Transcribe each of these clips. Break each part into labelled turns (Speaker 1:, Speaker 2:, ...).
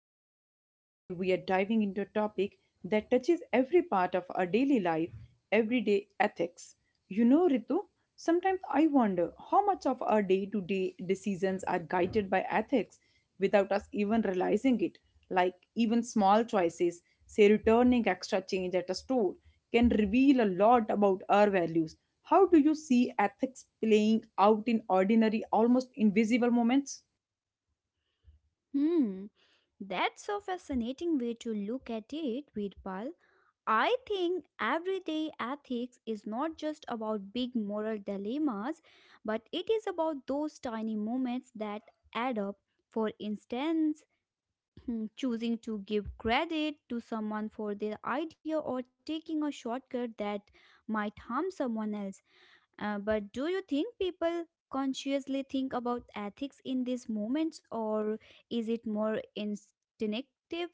Speaker 1: Veerpal, and today we are diving into a topic that touches every part of our daily life, everyday ethics. You know, Ritu, sometimes I wonder how much of our day to day decisions are guided by ethics without us even realizing it. Like even small choices, say returning extra change at a store, can reveal a lot about our values. How do you see ethics playing out in ordinary, almost invisible moments?
Speaker 2: Hmm, that's a fascinating way to look at it, Veerpal. I think everyday ethics is not just about big moral dilemmas, but it is about those tiny moments that add up. For instance, choosing to give credit to someone for their idea or taking a shortcut that might harm someone else. But do you think people consciously think about ethics in these moments, or is it more instinctive?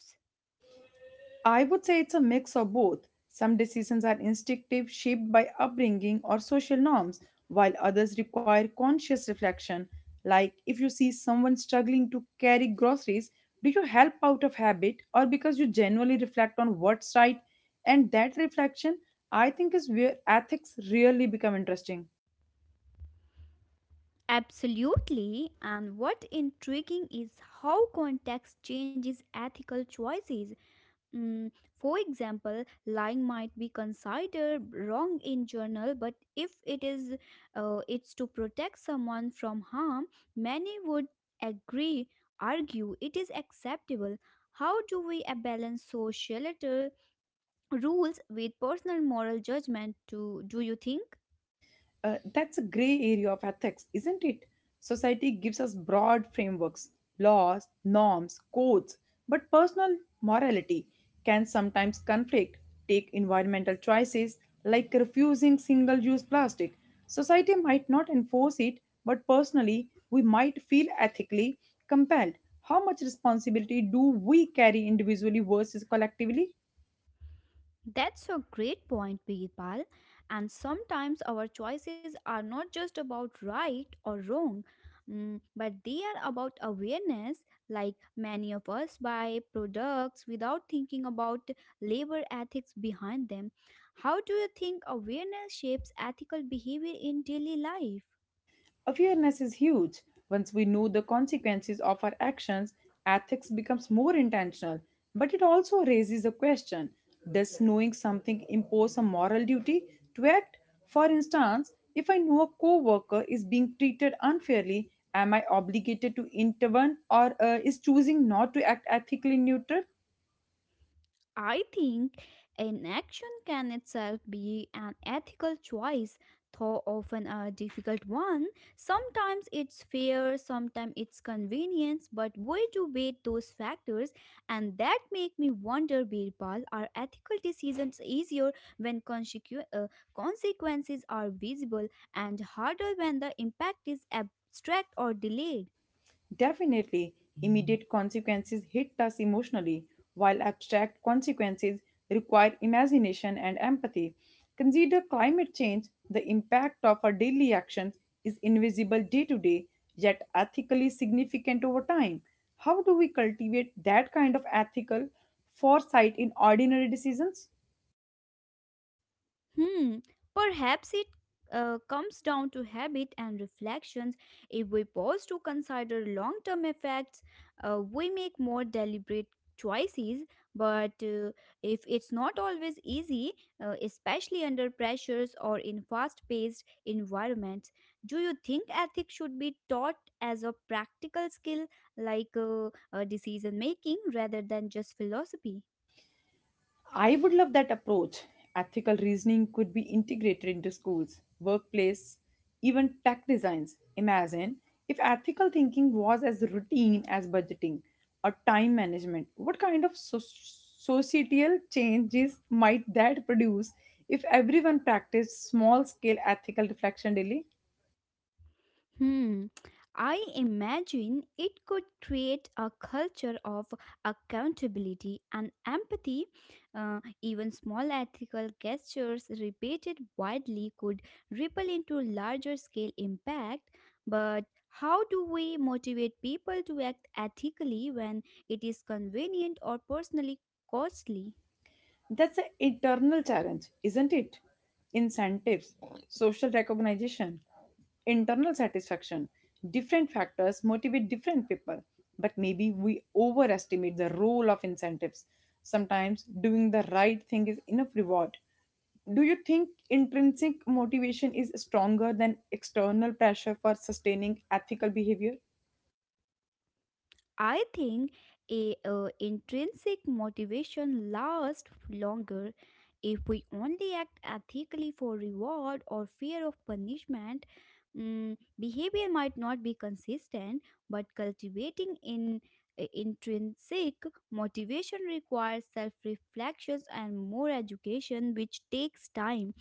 Speaker 1: I would say it's a mix of both. Some decisions are instinctive, shaped by upbringing or social norms, while others require conscious reflection. Like if you see someone struggling to carry groceries, do you help out of habit or because you genuinely reflect on what's right? And that reflection, I think, is where ethics really become interesting.
Speaker 2: Absolutely. And what intriguing is how context changes ethical choices. Mm, for example, lying might be considered wrong in journal, but if it is, it's to protect someone from harm, many would agree, argue it is acceptable. How do we balance societal rules with personal moral judgment? To do you think?
Speaker 1: That's a gray area of ethics, isn't it? Society gives us broad frameworks, laws, norms, codes, but personal morality can sometimes conflict. Take environmental choices like refusing single use plastic. Society might not enforce it, but personally, we might feel ethically compelled. How much responsibility do we carry individually versus collectively?
Speaker 2: That's a great point, Birpal. And sometimes our choices are not just about right or wrong, but they are about awareness. Like many of us buy products without thinking about labor ethics behind them. How do you think awareness shapes ethical behavior in daily life?
Speaker 1: Awareness is huge. Once we know the consequences of our actions, ethics becomes more intentional. But it also raises a question: does knowing something impose a moral duty to act? For instance, if I know a coworker is being treated unfairly, am I obligated to intervene, or is choosing not to act ethically neutral?
Speaker 2: I think inaction can itself be an ethical choice, though often a difficult one. Sometimes it's fear, sometimes it's convenience, but we do weigh those factors, and that make me wonder, Birpal, are ethical decisions easier when consequences are visible and harder when the impact is abstract or delayed?
Speaker 1: Definitely, immediate consequences hit us emotionally, while abstract consequences require imagination and empathy. Consider climate change. The impact of our daily actions is invisible day to day, yet ethically significant over time. How do we cultivate that kind of ethical foresight in ordinary decisions?
Speaker 2: Hmm, Perhaps it comes down to habit and reflections. If we pause to consider long term effects, we make more deliberate choices. But if it's not always easy, especially under pressures or in fast paced environments, do you think ethics should be taught as a practical skill like decision making rather than just philosophy?
Speaker 1: I would love that approach. Ethical reasoning could be integrated into schools, workplace, even tech designs. Imagine if ethical thinking was as routine as budgeting or time management. What kind of societal changes might that produce if everyone practiced small scale ethical reflection daily?
Speaker 2: Hmm. I imagine it could create a culture of accountability and empathy. Even small ethical gestures repeated widely could ripple into larger scale impact. But how do we motivate people to act ethically when it is convenient or personally costly?
Speaker 1: That's an eternal challenge, isn't it? Incentives, social recognition, internal satisfaction. Different factors motivate different people, but maybe we overestimate the role of incentives. Sometimes doing the right thing is enough reward. Do you think intrinsic motivation is stronger than external pressure for sustaining ethical behavior?
Speaker 2: I think a intrinsic motivation lasts longer if we only act ethically for reward or fear of punishment. Behavior might not be consistent, but cultivating in intrinsic motivation requires self-reflections and more education, which takes time.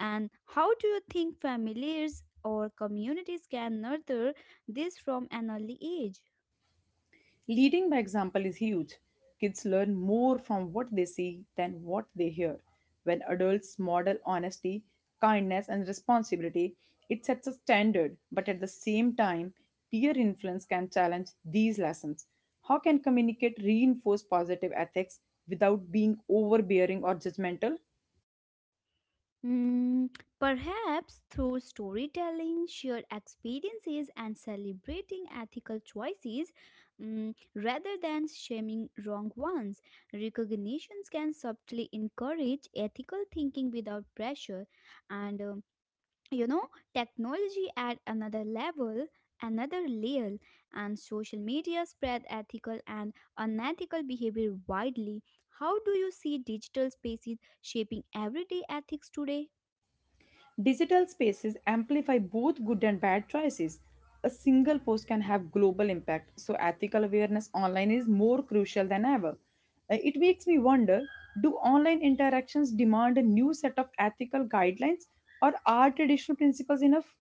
Speaker 2: And how do you think families or communities can nurture this from an early age?
Speaker 1: Leading by example is huge. Kids learn more from what they see than what they hear. When adults model honesty, kindness, and responsibility, it sets a standard, but at the same time, peer influence can challenge these lessons. How can communicate reinforce positive ethics without being overbearing or judgmental?
Speaker 2: Mm, Perhaps through storytelling, shared experiences, and celebrating ethical choices rather than shaming wrong ones, recognitions can subtly encourage ethical thinking without pressure. And you know, technology at another level, another layer, and social media spread ethical and unethical behavior widely. How do you see digital spaces shaping everyday ethics today?
Speaker 1: Digital spaces amplify both good and bad choices. A single post can have global impact, so ethical awareness online is more crucial than ever. It makes me wonder, do online interactions demand a new set of ethical guidelines, or are traditional principles enough?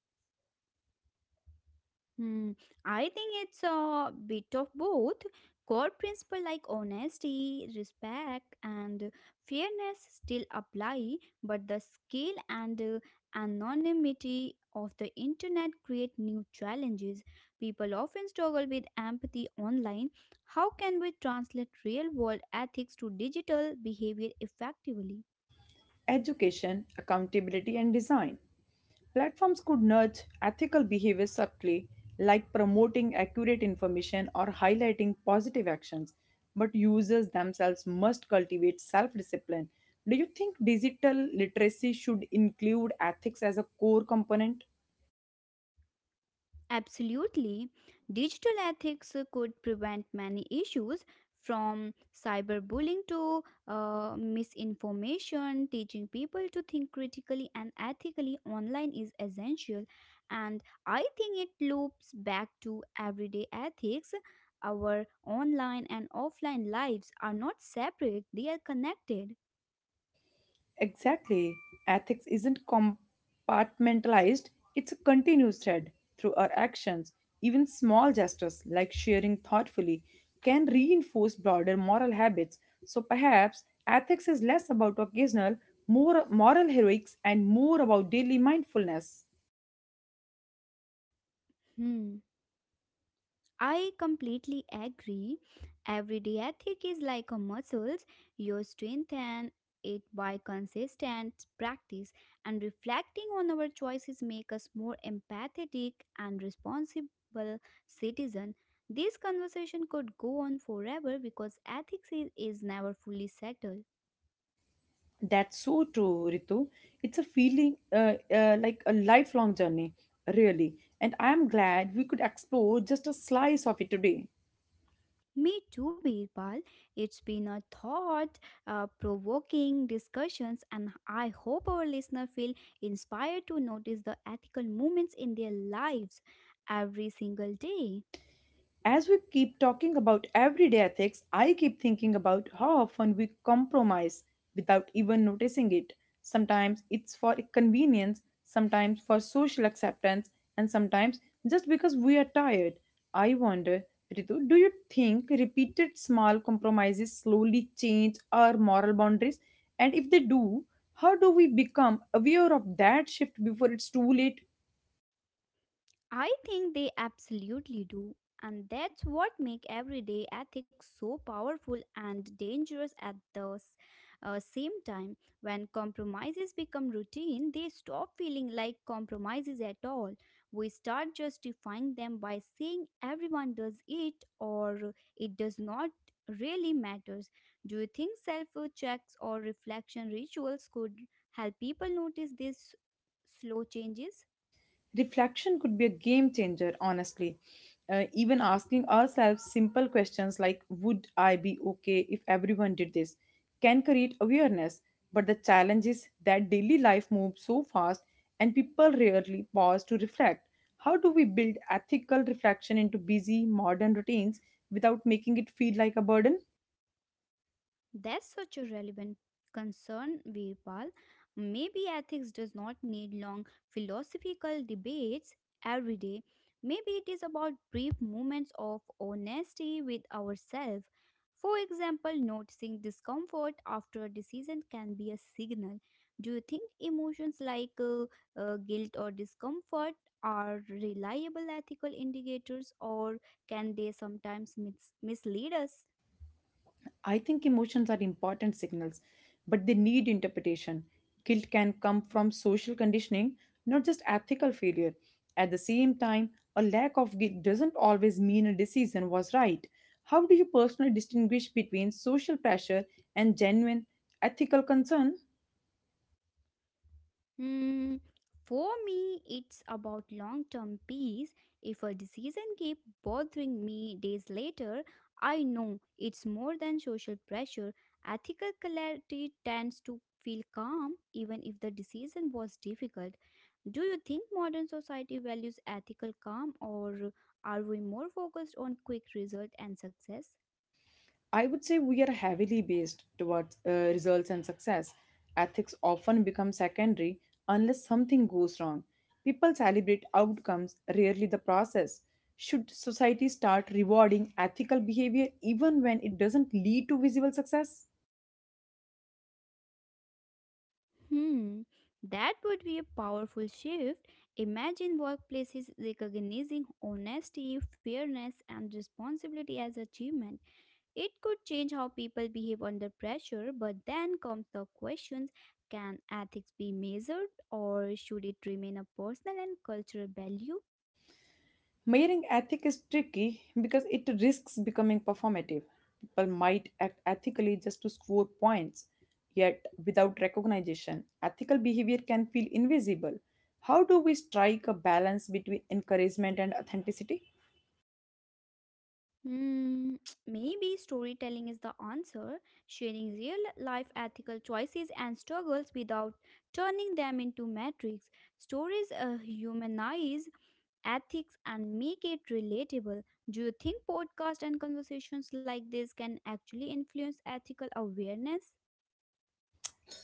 Speaker 2: Hmm. I think it's a bit of both. Core principles like honesty, respect, and fairness still apply, but the scale and anonymity of the internet create new challenges. People often struggle with empathy online. How can we translate real world ethics to digital behavior effectively?
Speaker 1: Education, accountability, and design. Platforms could nudge ethical behavior subtly, like promoting accurate information or highlighting positive actions, but users themselves must cultivate self discipline. Do you think digital literacy should include ethics as a core component?
Speaker 2: Absolutely. Digital ethics could prevent many issues from cyberbullying to misinformation. Teaching people to think critically and ethically online is essential. And I think it loops back to everyday ethics. Our online and offline lives are not separate, they are connected.
Speaker 1: Exactly. Ethics isn't compartmentalized, it's a continuous thread through our actions. Even small gestures like sharing thoughtfully can reinforce broader moral habits. So perhaps ethics is less about occasional, more moral heroics and more about daily mindfulness.
Speaker 2: Hmm. I completely agree. Everyday ethic is like a muscle. You strengthen it by consistent practice and reflecting on our choices make us more empathetic and responsible citizen. This conversation could go on forever because ethics is never fully settled.
Speaker 1: That's so true, Ritu. It's a feeling like a lifelong journey, really. And I am glad we could explore just a slice of it today.
Speaker 2: Me too, Birbal. It's been a thought provoking discussions, and I hope our listeners feel inspired to notice the ethical moments in their lives every single day.
Speaker 1: As we keep talking about everyday ethics, I keep thinking about how often we compromise without even noticing it. Sometimes it's for convenience, sometimes for social acceptance, and sometimes just because we are tired. I wonder, Ritu, do you think repeated small compromises slowly change our moral boundaries? And if they do, how do we become aware of that shift before it's too late?
Speaker 2: I think they absolutely do, and that's what make everyday ethics so powerful and dangerous at the same time. When compromises become routine, they stop feeling like compromises at all. We start justifying them by saying everyone does it or it does not really matters. Do you think self checks or reflection rituals could help people notice these slow changes?
Speaker 1: Reflection could be a game changer, honestly. Even asking ourselves simple questions like, would I be okay if everyone did this? Can create awareness. But the challenge is that daily life moves so fast and people rarely pause to reflect. How do we build ethical reflection into busy modern routines without making it feel like a burden?
Speaker 2: That's such a relevant concern, Virpal. Maybe ethics does not need long philosophical debates every day. Maybe it is about brief moments of honesty with ourselves. For example, noticing discomfort after a decision can be a signal. Do you think emotions like guilt or discomfort are reliable ethical indicators, or can they sometimes mislead us?
Speaker 1: I think emotions are important signals, but they need interpretation. Guilt can come from social conditioning, not just ethical failure. At the same time, a lack of guilt doesn't always mean a decision was right. How do you personally distinguish between social pressure and genuine ethical concern?
Speaker 2: Hmm, for me, it's about long term peace. If a decision keeps bothering me days later, I know it's more than social pressure. Ethical clarity tends to feel calm even if the decision was difficult. Do you think modern society values ethical calm or are we more focused on quick result and success?
Speaker 1: I would say we are heavily based towards results and success. Ethics often become secondary unless something goes wrong. People celebrate outcomes, rarely the process. Should society start rewarding ethical behavior even when it doesn't lead to visible success?
Speaker 2: Hmm, that would be a powerful shift. Imagine workplaces recognizing honesty, fairness, and responsibility as achievement. It could change how people behave under pressure, but then comes the questions can ethics be measured or should it remain a personal and cultural value?
Speaker 1: Marrying ethic is tricky because it risks becoming performative. People might act ethically just to score points, yet without recognition, ethical behavior can feel invisible. How do we strike a balance between encouragement and authenticity?
Speaker 2: Hmm, maybe storytelling is the answer, sharing real life ethical choices and struggles without turning them into metrics. Stories humanize ethics and make it relatable. Do you think podcasts and conversations like this can actually influence ethics?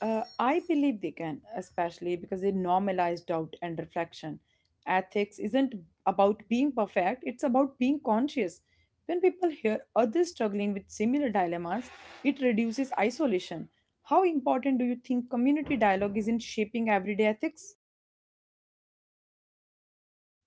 Speaker 1: I believe they can, especially because they normalize doubt and reflection. Ethics isn't about being perfect, it's about being conscious. When people hear others struggling with similar dilemmas, it reduces isolation. How important do you think community dialogue is in shaping everyday ethics?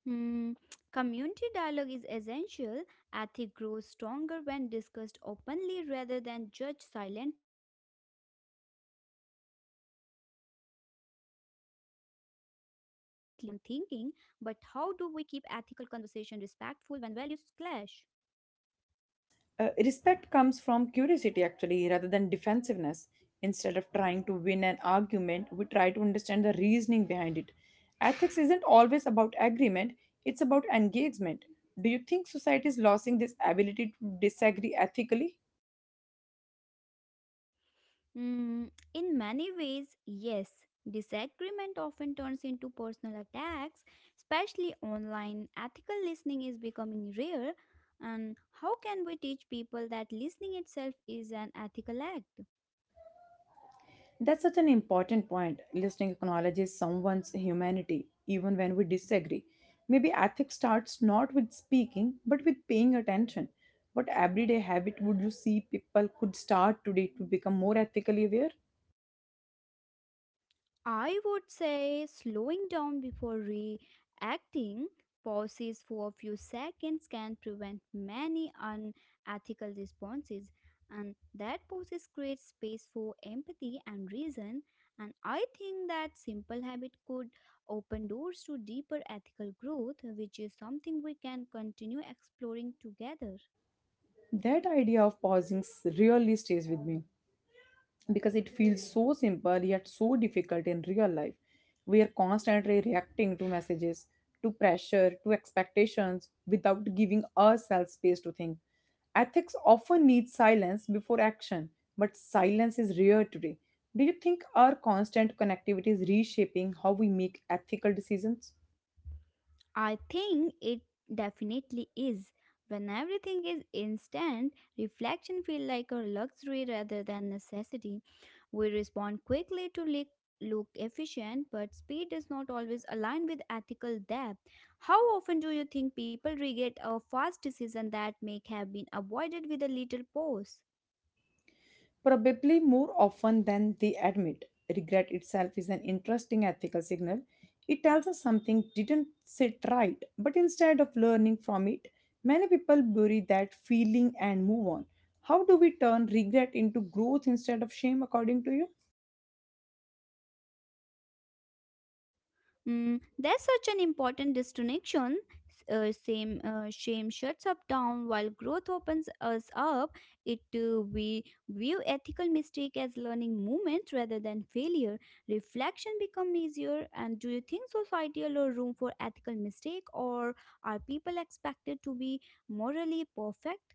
Speaker 2: Hmm, Community dialogue is essential. Ethic grows stronger when discussed openly rather than judged silently. Different perspectives help us to see blind spot in our own thinking, but how do we keep ethical conversation respectful when values clash?
Speaker 1: Respect comes from curiosity, actually, rather than defensiveness. Instead of trying to win an argument, we try to understand the reasoning behind it. Ethics isn't always about agreement, it's about engagement. Do you think society is losing this ability to disagree ethically?
Speaker 2: In many ways, yes. Disagreement often turns into personal attacks, especially online. Ethical listening is becoming rare, and how can we teach people that listening itself is an ethical act?
Speaker 1: That's such an important point. Listening acknowledges someone's humanity, even when we disagree. Maybe ethics starts not with speaking, but with paying attention. What everyday habit would you see people could start today to become more ethically aware?
Speaker 2: I would say slowing down before reacting, pauses for a few seconds can prevent many unethical responses, and that pauses create space for empathy and reason. And I think that simple habit could open doors to deeper ethical growth, which is something we can continue exploring together.
Speaker 1: That idea of pausing really stays with me, because it feels so simple yet so difficult in real life. We are constantly reacting to messages, to pressure, to expectations without giving ourselves space to think. Ethics often needs silence before action, but silence is rare today. Do you think our constant connectivity is reshaping how we make ethical decisions?
Speaker 2: I think it definitely is. When everything is instant, reflection feels like a luxury rather than necessity. We respond quickly to look efficient, but speed does not always align with ethical depth. How often do you think people regret a fast decision that may have been avoided with a little pause?
Speaker 1: Probably more often than they admit. Regret itself is an interesting ethical signal. It tells us something didn't sit right, but instead of learning from it, many people bury that feeling and move on. How do we turn regret into growth instead of shame, according to you?
Speaker 2: There's such an important distinction. Same Shame shuts up down while growth opens us up. It We view ethical mistake as learning moments rather than failure. Reflection become easier. And do you think society allow room for ethical mistake, or are people expected to be morally perfect?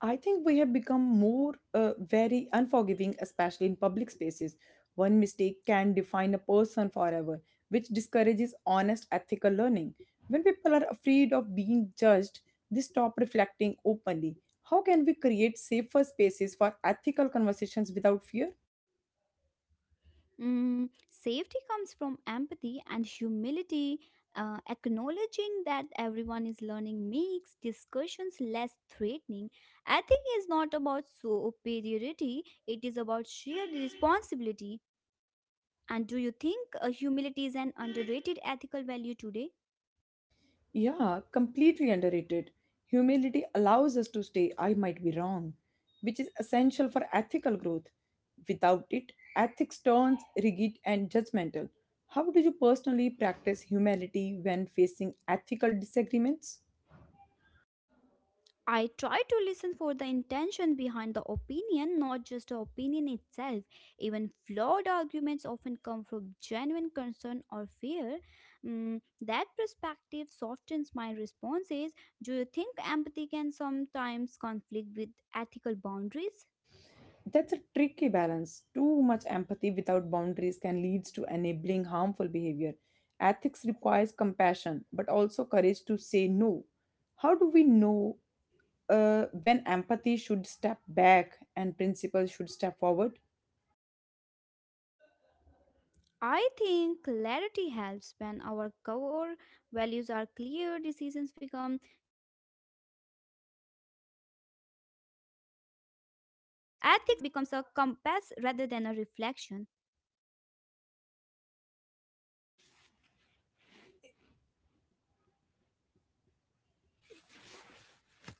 Speaker 1: I think we have become more very unforgiving, especially in public spaces. One mistake can define a person forever, which discourages honest ethical learning. When people are afraid of being judged, they stop reflecting openly. How can we create safer spaces for ethical conversations without fear?
Speaker 2: Safety comes from empathy and humility. Acknowledging that everyone is learning makes discussions less threatening. Ethic is not about superiority, it is about shared responsibility. And do you think humility is an underrated ethical value today?
Speaker 1: Yeah, completely underrated. Humility allows us to say, I might be wrong, which is essential for ethical growth. Without it, ethics turns rigid and judgmental. How do you personally practice humility when facing ethical disagreements?
Speaker 2: I try to listen for the intention behind the opinion, not just the opinion itself. Even flawed arguments often come from genuine concern or fear. That perspective softens my responses. Do you think empathy can sometimes conflict with ethical boundaries?
Speaker 1: That's a tricky balance. Too much empathy without boundaries can lead to enabling harmful behavior. Ethics requires compassion, but also courage to say no. How do we know when empathy should step back and principles should step forward?
Speaker 2: I think clarity helps when our core values are clear, decisions become steadier even when emotions run high. Ethics then becomes a compass rather than a reflection.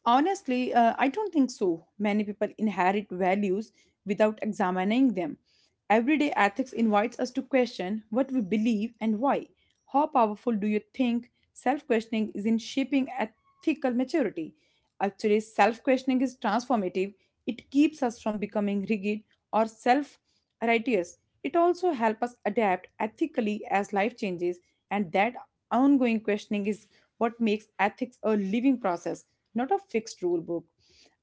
Speaker 1: Honestly, I don't think so. Many people inherit values without examining them. Everyday ethics invites us to question what we believe and why. How powerful do you think self questioning is in shaping ethical maturity? Actually, self questioning is transformative, it keeps us from becoming rigid or self righteous. It also helps us adapt ethically as life changes, and that ongoing questioning is what makes ethics a living process, not a fixed rule book.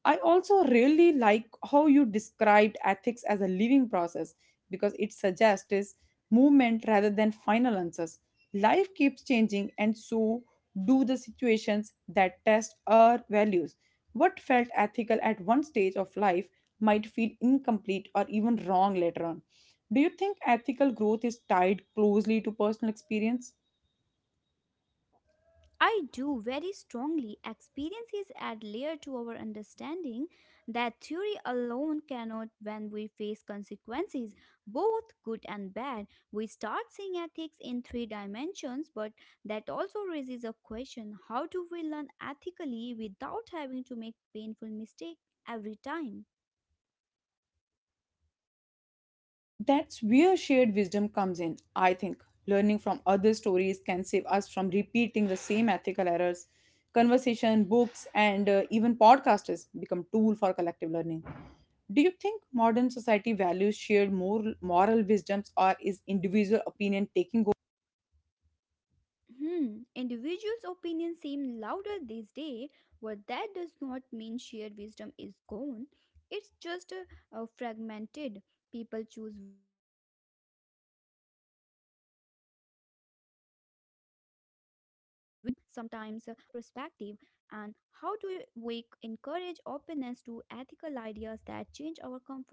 Speaker 1: I also really like how you described ethics as a living process because it suggests is movement rather than final answers. Life keeps changing, and so do the situations that test our values. What felt ethical at one stage of life might feel incomplete or even wrong later on. Do you think ethical growth is tied closely to personal experience?
Speaker 2: I do very strongly. Experiences add layer to our understanding that theory alone cannot when we face consequences, both good and bad. We start seeing ethics in three dimensions, but that also raises a question how do we learn ethically without having to make painful mistakes every time?
Speaker 1: That's where shared wisdom comes in, I think. Learning from other stories can save us from repeating the same ethical errors. Conversation, books, and even podcasters become tool for collective learning. Do you think modern society values shared moral wisdoms, or is individual opinion taking?
Speaker 2: Individuals' opinions seem louder these days, but that does not mean shared wisdom is gone. It's just fragmented. People choose which voices to listen to, sometimes avoiding uncomfortable perspective. And how do we encourage openness to ethical ideas that change our comfort zones?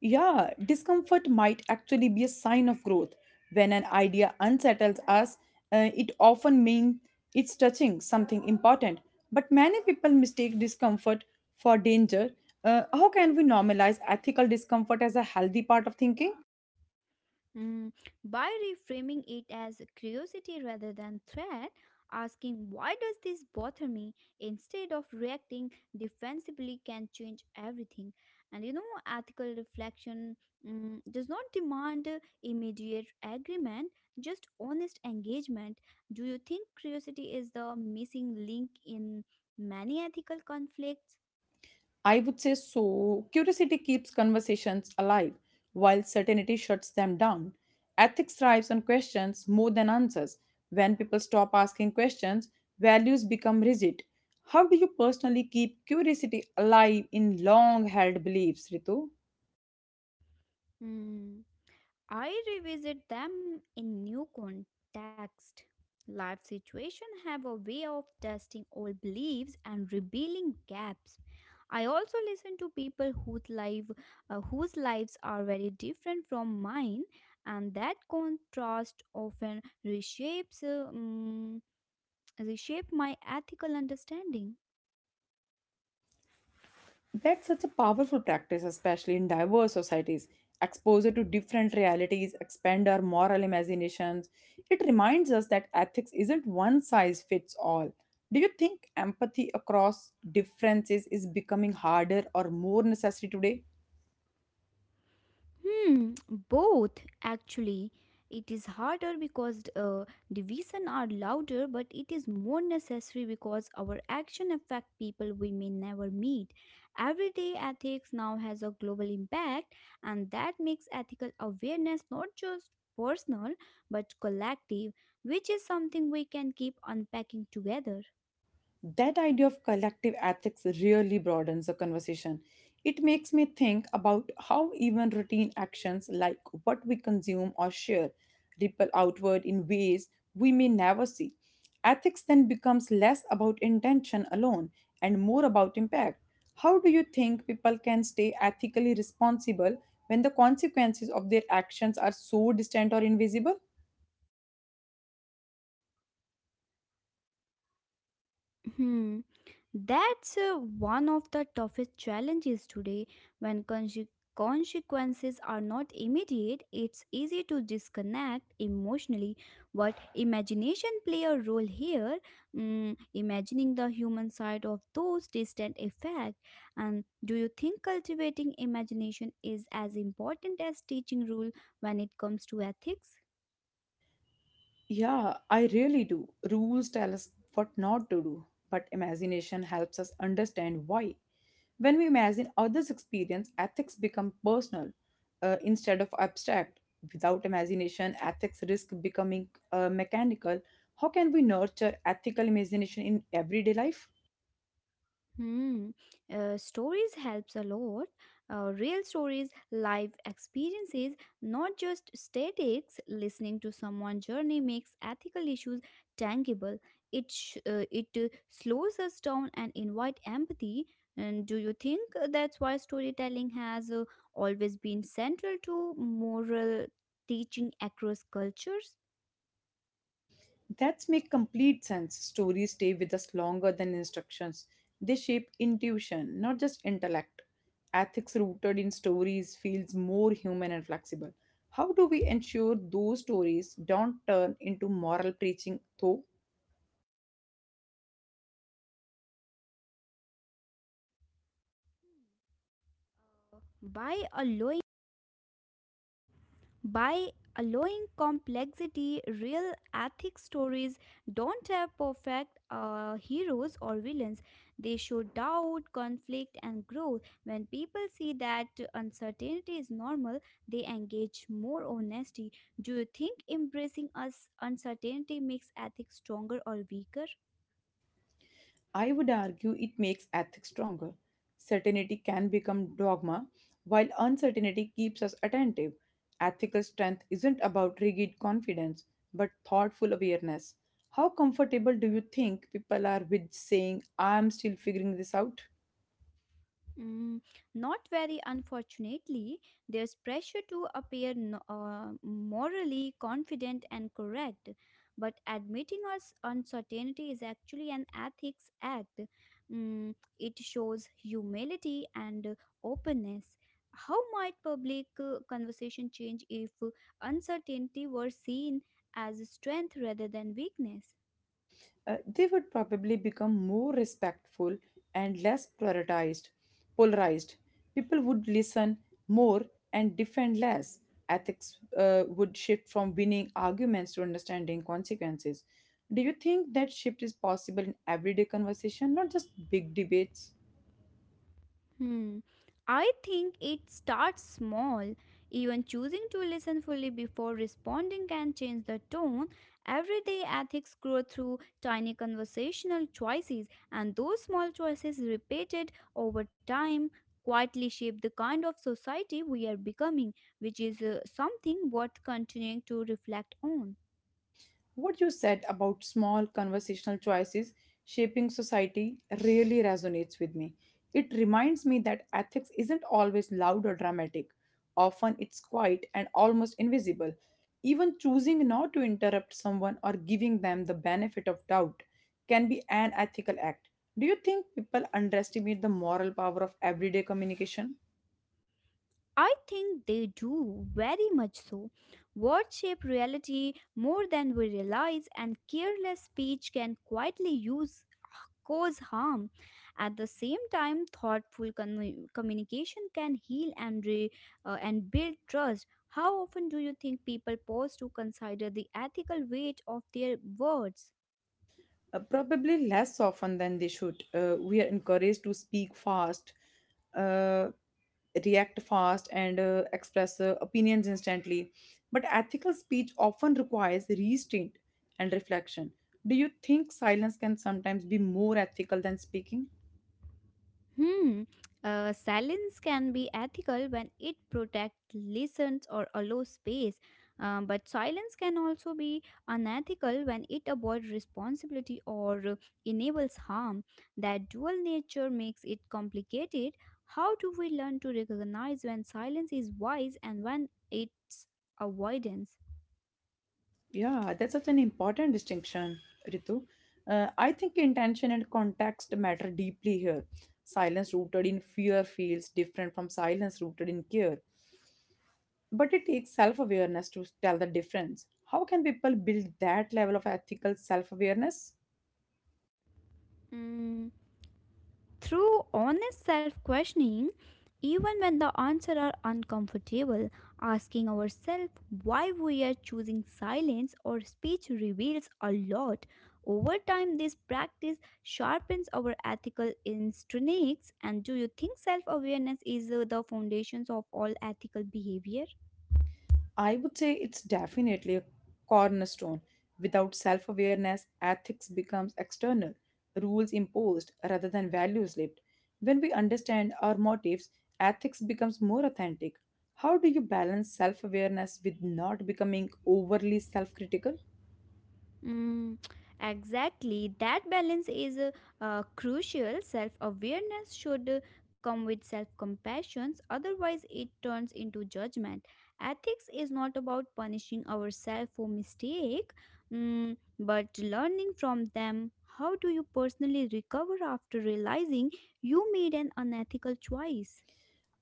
Speaker 1: Yeah, discomfort might actually be a sign of growth. When an idea unsettles us, it often means it's touching something important. But many people mistake discomfort for danger. How can we normalize ethical discomfort as a healthy part of thinking?
Speaker 2: Mm, by reframing it as curiosity rather than threat, asking why does this bother me instead of reacting defensively can change everything. And you know, ethical reflection does not demand immediate agreement, just honest engagement. Do you think curiosity is the missing link in many ethical conflicts?
Speaker 1: I would say so. Curiosity keeps conversations alive, while certainty shuts them down. Ethics thrives on questions more than answers. When people stop asking questions, values become rigid. How do you personally keep curiosity alive in long held beliefs, Ritu?
Speaker 2: Mm. I revisit them in new context. Life situations have a way of testing old beliefs and revealing gaps. I also listen to people whose whose lives are very different from mine, and that contrast often reshape my ethical understanding.
Speaker 1: That's such a powerful practice, especially in diverse societies. Exposure to different realities expand our moral imaginations. It reminds us that ethics isn't one size fits all. Do you think empathy across differences is becoming harder or more necessary today?
Speaker 2: Both actually. It is harder because division are louder, but it is more necessary because our action affect people we may never meet. Everyday ethics now has a global impact, and that makes ethical awareness not just personal but collective, which is something we can keep unpacking together.
Speaker 1: That idea of collective ethics really broadens the conversation. It makes me think about how even routine actions like what we consume or share ripple outward in ways we may never see. Ethics then becomes less about intention alone and more about impact. How do you think people can stay ethically responsible when the consequences of their actions are so distant or invisible?
Speaker 2: Hmm. That's one of the toughest challenges today. When consequences are not immediate, it's easy to disconnect emotionally. But imagination play a role here, imagining the human side of those distant effects. And do you think cultivating imagination is as important as teaching rule when it comes to ethics?
Speaker 1: Yeah, I really do. Rules tell us what not to do, but imagination helps us understand why. When we imagine others' experience, ethics become personal instead of abstract. Without imagination, ethics risk becoming mechanical. How can we nurture ethical imagination in everyday life?
Speaker 2: Hmm. Stories helps a lot. Real stories, life experiences, not just statics. Listening to someone's journey makes ethical issues tangible. It slows us down and invite empathy. And do you think that's why storytelling has always been central to moral teaching across cultures?
Speaker 1: That's make complete sense. Stories stay with us longer than instructions. They shape intuition, not just intellect. Ethics rooted in stories feels more human and flexible. How do we ensure those stories don't turn into moral preaching though?
Speaker 2: By allowing By allowing complexity, real ethic stories don't have perfect heroes or villains. They show doubt, conflict, and growth. When people see that uncertainty is normal, they engage more honesty. Do you think embracing us uncertainty makes ethics stronger or weaker?
Speaker 1: I would argue it makes ethics stronger. Certainty can become dogma, while uncertainty keeps us attentive. Ethical strength isn't about rigid confidence, but thoughtful awareness. How comfortable do you think people are with saying, I'm still figuring this out?
Speaker 2: Mm, not very unfortunately, there's pressure to appear no, morally confident and correct, but admitting us uncertainty is actually an ethics act. It shows humility and openness. How might public conversation change if uncertainty were seen as strength rather than weakness?
Speaker 1: They would probably become more respectful and less polarized. People would listen more and defend less. Ethics would shift from winning arguments to understanding consequences. Do you think that shift is possible in everyday conversation, not just big debates?
Speaker 2: Hmm. I think it starts small. Even choosing to listen fully before responding can change the tone. Everyday ethics grow through tiny conversational choices, and those small choices repeated over time quietly shape the kind of society we are becoming, which is something worth continuing to reflect on.
Speaker 1: What you said about small conversational choices shaping society really resonates with me. It reminds me that ethics isn't always loud or dramatic. Often it's quiet and almost invisible. Even choosing not to interrupt someone or giving them the benefit of doubt can be an ethical act. Do you think people underestimate the moral power of everyday communication?
Speaker 2: I think they do, very much so. Words shape reality more than we realize, and careless speech can quietly use cause harm. At the same time, communication can heal and build trust. How often do you think people pause to consider the ethical weight of their words?
Speaker 1: Probably less often than they should. We are encouraged to speak fast, uh, react fast, and express opinions instantly. But ethical speech often requires restraint and reflection. Do you think silence can sometimes be more ethical than speaking?
Speaker 2: Hmm. Silence can be ethical when it protects listens or allows space, but silence can also be unethical when it avoids responsibility or enables harm. That dual nature makes it complicated. How do we learn to recognize when silence is wise and when it's avoidance?
Speaker 1: Yeah, that's such an important distinction, Ritu. I think intention and context matter deeply here. Silence rooted in fear feels different from silence rooted in care. But it takes self awareness to tell the difference. How can people build that level of ethical self awareness?
Speaker 2: Mm. Through honest self questioning, even when the answers are uncomfortable, asking ourselves why we are choosing silence or speech reveals a lot. Over time, this practice sharpens our ethical instincts. And do you think self awareness is the foundations of all ethical behavior?
Speaker 1: I would say it's definitely a cornerstone. Without self awareness, ethics becomes external, rules imposed rather than values lived. When we understand our motives, ethics becomes more authentic. How do you balance self awareness with not becoming overly self critical?
Speaker 2: Mm, exactly. That balance is crucial. Self awareness should come with self compassion, otherwise, it turns into judgment. Ethics is not about punishing ourselves for mistake, mm, but learning from them. How do you personally recover after realizing you made an unethical choice?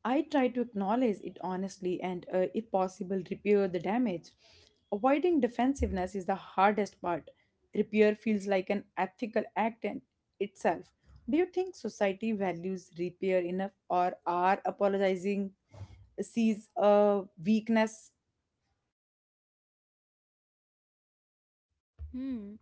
Speaker 1: I try to acknowledge it honestly and, if possible, repair the damage. Avoiding defensiveness is the hardest part. Repair feels like an ethical act in itself. Do you think society values repair enough, or are apologizing sees a weakness?
Speaker 2: Hmm.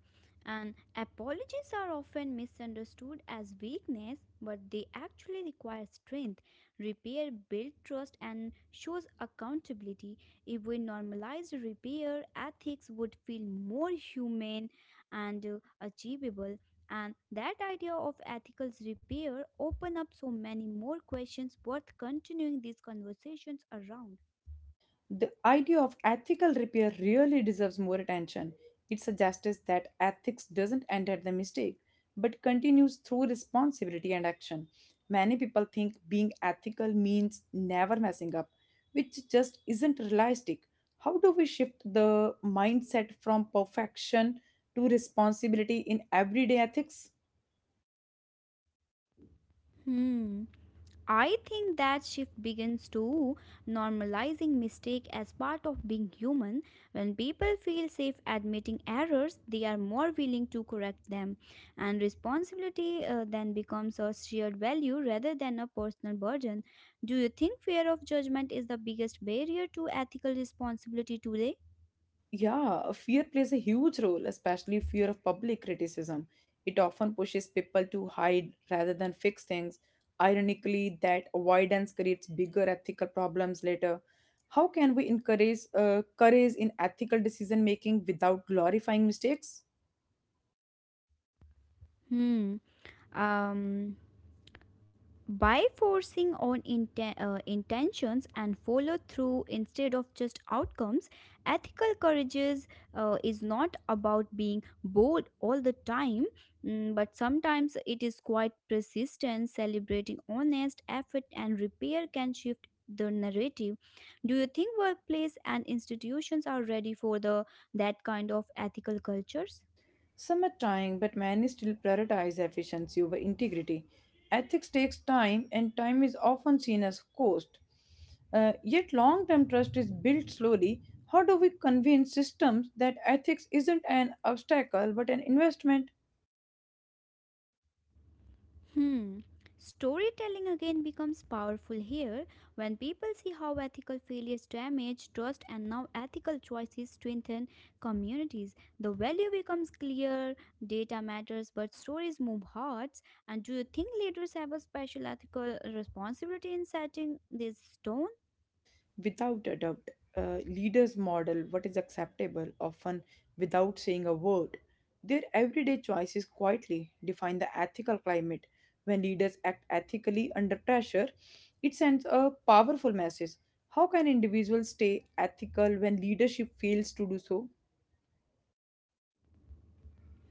Speaker 2: And apologies are often misunderstood as weakness, but they actually require strength. Repair builds trust and shows accountability. If we normalized repair, ethics would feel more human and achievable. And that idea of ethical repair open up so many more questions worth continuing these conversations around.
Speaker 1: The idea of ethical repair really deserves more attention. It's a justice that ethics doesn't end at the mistake, but continues through responsibility and action. Many people think being ethical means never messing up, which just isn't realistic. How do we shift the mindset from perfection to responsibility in everyday ethics?
Speaker 2: Hmm. I think that shift begins to normalizing mistake as part of being human. When people feel safe admitting errors, they are more willing to correct them, and responsibility then becomes a shared value rather than a personal burden. Do you think fear of judgment is the biggest barrier to ethical responsibility today?
Speaker 1: Yeah, fear plays a huge role, especially fear of public criticism. It often pushes people to hide rather than fix things. Ironically, that avoidance creates bigger ethical problems later. How can we encourage courage in ethical decision making without glorifying mistakes?
Speaker 2: Hmm. Um. By intentions and follow through instead of just outcomes ethical courage is not about being bold all the time mm, but sometimes it is quite persistent celebrating honest effort and repair can shift the narrative do you think workplace and institutions are ready for the that kind of ethical cultures
Speaker 1: Some are trying, but many still prioritize efficiency over integrity. Ethics takes time, and time is often seen as cost. Yet, long term trust is built slowly. How do we convince systems that ethics isn't an obstacle but an investment?
Speaker 2: Hmm. Storytelling again becomes powerful here when people see how ethical failures damage trust and now ethical choices strengthen communities. The value becomes clear, data matters, but stories move hearts. And do you think leaders have a special ethical responsibility in setting these stones?
Speaker 1: Without a doubt, leaders model what is acceptable, often without saying a word. Their everyday choices quietly define the ethical climate. When leaders act ethically under pressure, it sends a powerful message. How can individuals stay ethical when leadership fails to do so?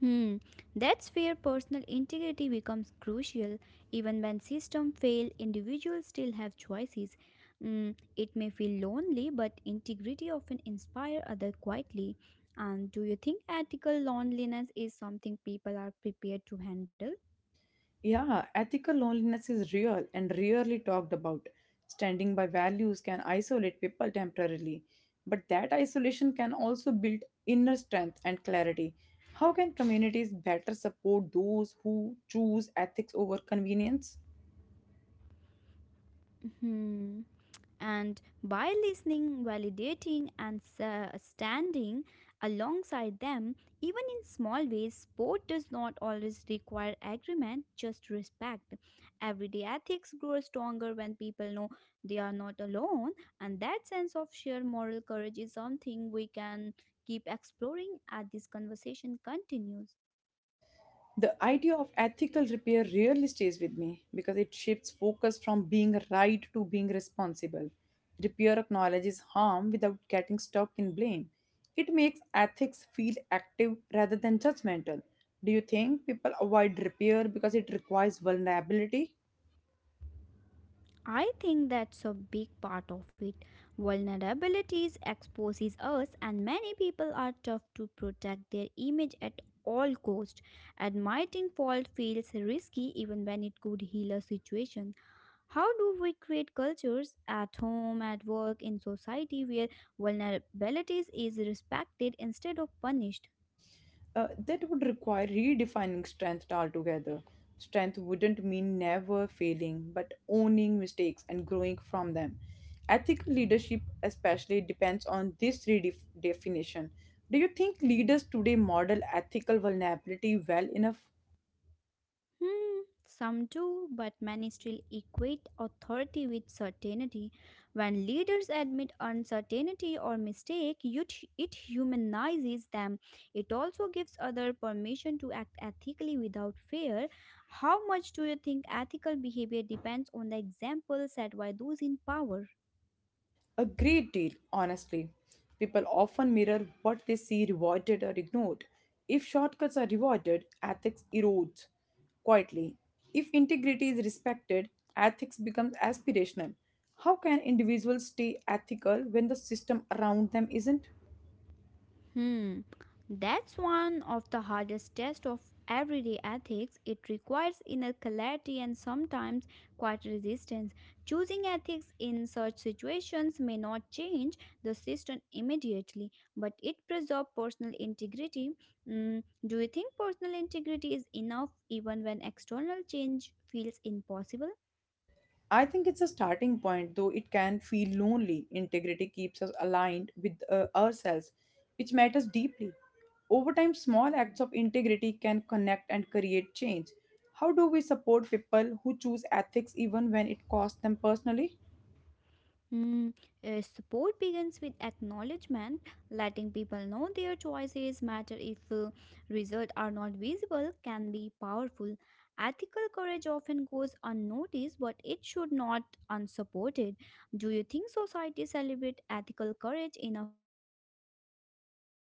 Speaker 2: Hmm, that's where personal integrity becomes crucial. Even when systems fail, individuals still have choices. Mm, it may feel lonely, but integrity often inspires others quietly. And do you think ethical loneliness is something people are prepared to handle?
Speaker 1: Yeah, ethical loneliness is real and rarely talked about. Standing by values can isolate people temporarily, but that isolation can also build inner strength and clarity. How can communities better support those who choose ethics over convenience?
Speaker 2: Hmm. And by listening, validating, and standing alongside them, even in small ways, sport does not always require agreement, just respect. Everyday ethics grow stronger when people know they are not alone, and that sense of sheer moral courage is something we can keep exploring as this conversation continues.
Speaker 1: The idea of ethical repair really stays with me because it shifts focus from being right to being responsible. Repair acknowledges harm without getting stuck in blame. It makes ethics feel active rather than judgmental. Do you think people avoid repair because it requires vulnerability?
Speaker 2: I think that's a big part of it. Vulnerabilities exposes us and many people are tough to protect their image at all cost. Admitting fault feels risky even when it could heal a situation. How do we create cultures at home, at work, in society where vulnerabilities is respected instead of punished?
Speaker 1: That would require redefining strength altogether. Strength wouldn't mean never failing, but owning mistakes and growing from them. Ethical leadership, especially, depends on this redefinition. Do you think leaders today model ethical vulnerability well enough?
Speaker 2: Hmm, some do, but many still equate authority with certainty. When leaders admit uncertainty or mistake, it humanizes them. It also gives other permission to act ethically without fear. How much do you think ethical behavior depends on the example set by those in power?
Speaker 1: A great deal, honestly. People often mirror what they see rewarded or ignored. If shortcuts are rewarded, ethics erodes quietly. If integrity is respected, ethics becomes aspirational. How can individuals stay ethical when the system around them isn't?
Speaker 2: Hmm, that's one of the hardest tests of everyday ethics. It requires inner clarity and sometimes quite resistance. Choosing ethics in such situations may not change the system immediately, but it preserves personal integrity. Mm, do you think personal integrity is enough even when external change feels impossible?
Speaker 1: I think it's a starting point, though it can feel lonely. Integrity keeps us aligned with ourselves, which matters deeply. Over time, small acts of integrity can connect and create change. How do we support people who choose ethics even when it costs them personally?
Speaker 2: Mm, support begins with acknowledgement, letting people know their choices matter if results are not visible can be powerful. Ethical courage often goes unnoticed, but it should not unsupported. Do you think society celebrate ethical courage enough compared to visible success?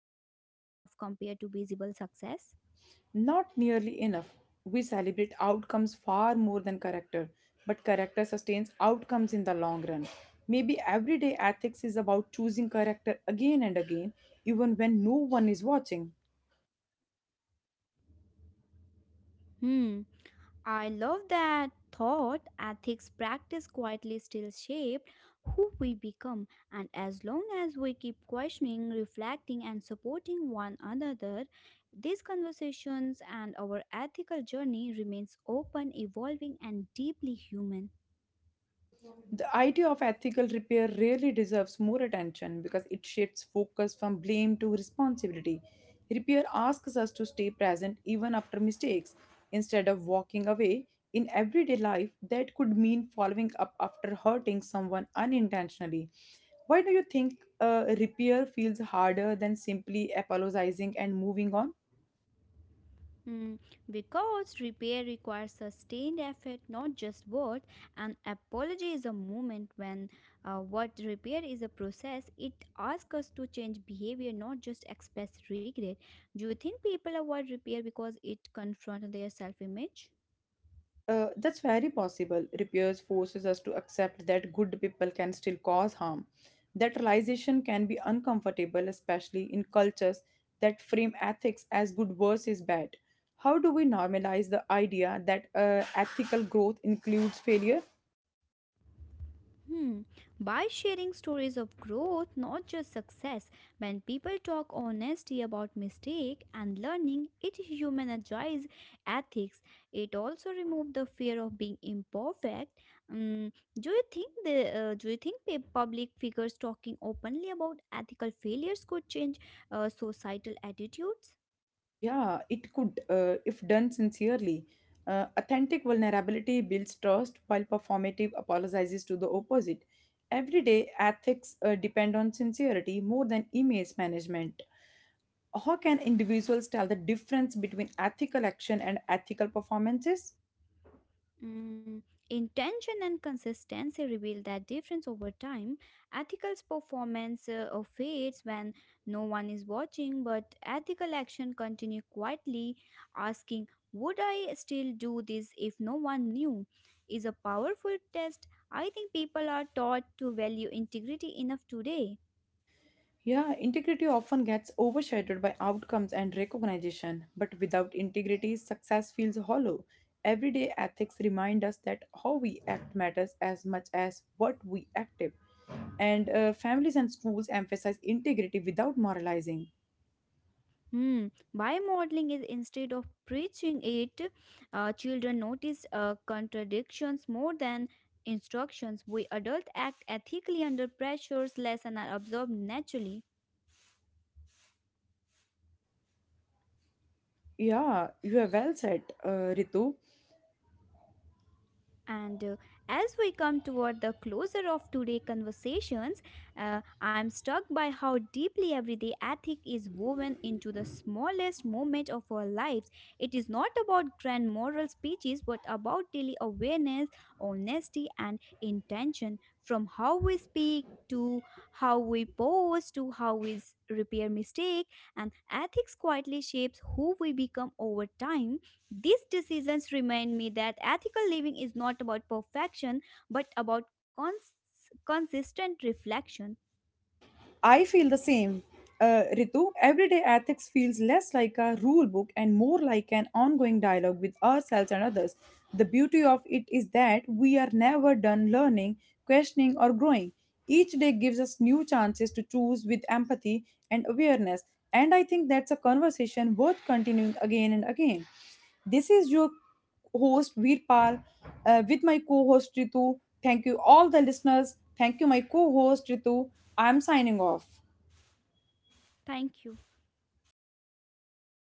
Speaker 1: Not nearly enough. We celebrate outcomes far more than character, but character sustains outcomes in the long run. Maybe everyday ethics is about choosing character again and again, even when no one is watching.
Speaker 2: Hmm. I love that thought ethics practice quietly still shape who we become and as long as we keep questioning, reflecting and supporting one another, these conversations and our ethical journey remains open, evolving and deeply human.
Speaker 1: The idea of ethical repair really deserves more attention because it shifts focus from blame to responsibility. Repair asks us to stay present even after mistakes instead of walking away. In everyday life, that could mean following up after hurting someone unintentionally. Why do you think repair feels harder than simply apologizing and moving on?
Speaker 2: Mm, because repair requires sustained effort, not just words. An apology is a moment when what repair is a process. It asks us to change behavior, not just express regret. Do you think people avoid repair because it confronts their self image?
Speaker 1: That's very possible. Repairs forces us to accept that good people can still cause harm. That realization can be uncomfortable, especially in cultures that frame ethics as good versus bad. How do we normalize the idea that ethical growth includes failure?
Speaker 2: Hmm. By sharing stories of growth, not just success, when people talk honesty about mistake and learning, it humanizes ethics. It also removes the fear of being imperfect. Mm, do you think the Do you think pe- public figures talking openly about ethical failures could change societal attitudes?
Speaker 1: Yeah, it could, if done sincerely. Authentic vulnerability builds trust, while performative apologizes to the opposite. Everyday ethics depend on sincerity more than image management. How can individuals tell the difference between ethical action and ethical performances?
Speaker 2: Mm, intention and consistency reveal that difference over time. Ethical performance fades when no one is watching, but ethical action continue quietly, asking, "Would I still do this if no one knew?" is a powerful test. I think people are taught to value integrity enough today.
Speaker 1: Yeah, integrity often gets overshadowed by outcomes and recognition, but without integrity, success feels hollow. Everyday ethics remind us that how we act matters as much as what we active. And families and schools emphasize integrity without moralizing.
Speaker 2: Hmm. By modeling is instead of preaching it, children notice contradictions more than instructions. We adults act ethically under pressures, lessons are absorbed naturally.
Speaker 1: Yeah, you are well said, Ritu.
Speaker 2: And as we come toward the closer of today's conversations, I'm struck by how deeply everyday ethic is woven into the smallest moment of our lives. It is not about grand moral speeches, but about daily awareness, honesty, and intention from how we speak. To how we pose, to repair mistake, and ethics quietly shapes who we become over time these decisions remind me that ethical living is not about perfection but about consistent reflection.
Speaker 1: I feel the same, Ritu. Everyday ethics feels less like a rule book and more like an ongoing dialogue with ourselves and others. The beauty of it is that we are never done learning, questioning, or growing. Each day gives us new chances to choose with empathy and awareness. And I think that's a conversation worth continuing again and again. This is your host Veerpal with my co-host Ritu. Thank you all the listeners. Thank you my co-host Ritu. I'm signing off.
Speaker 2: Thank you.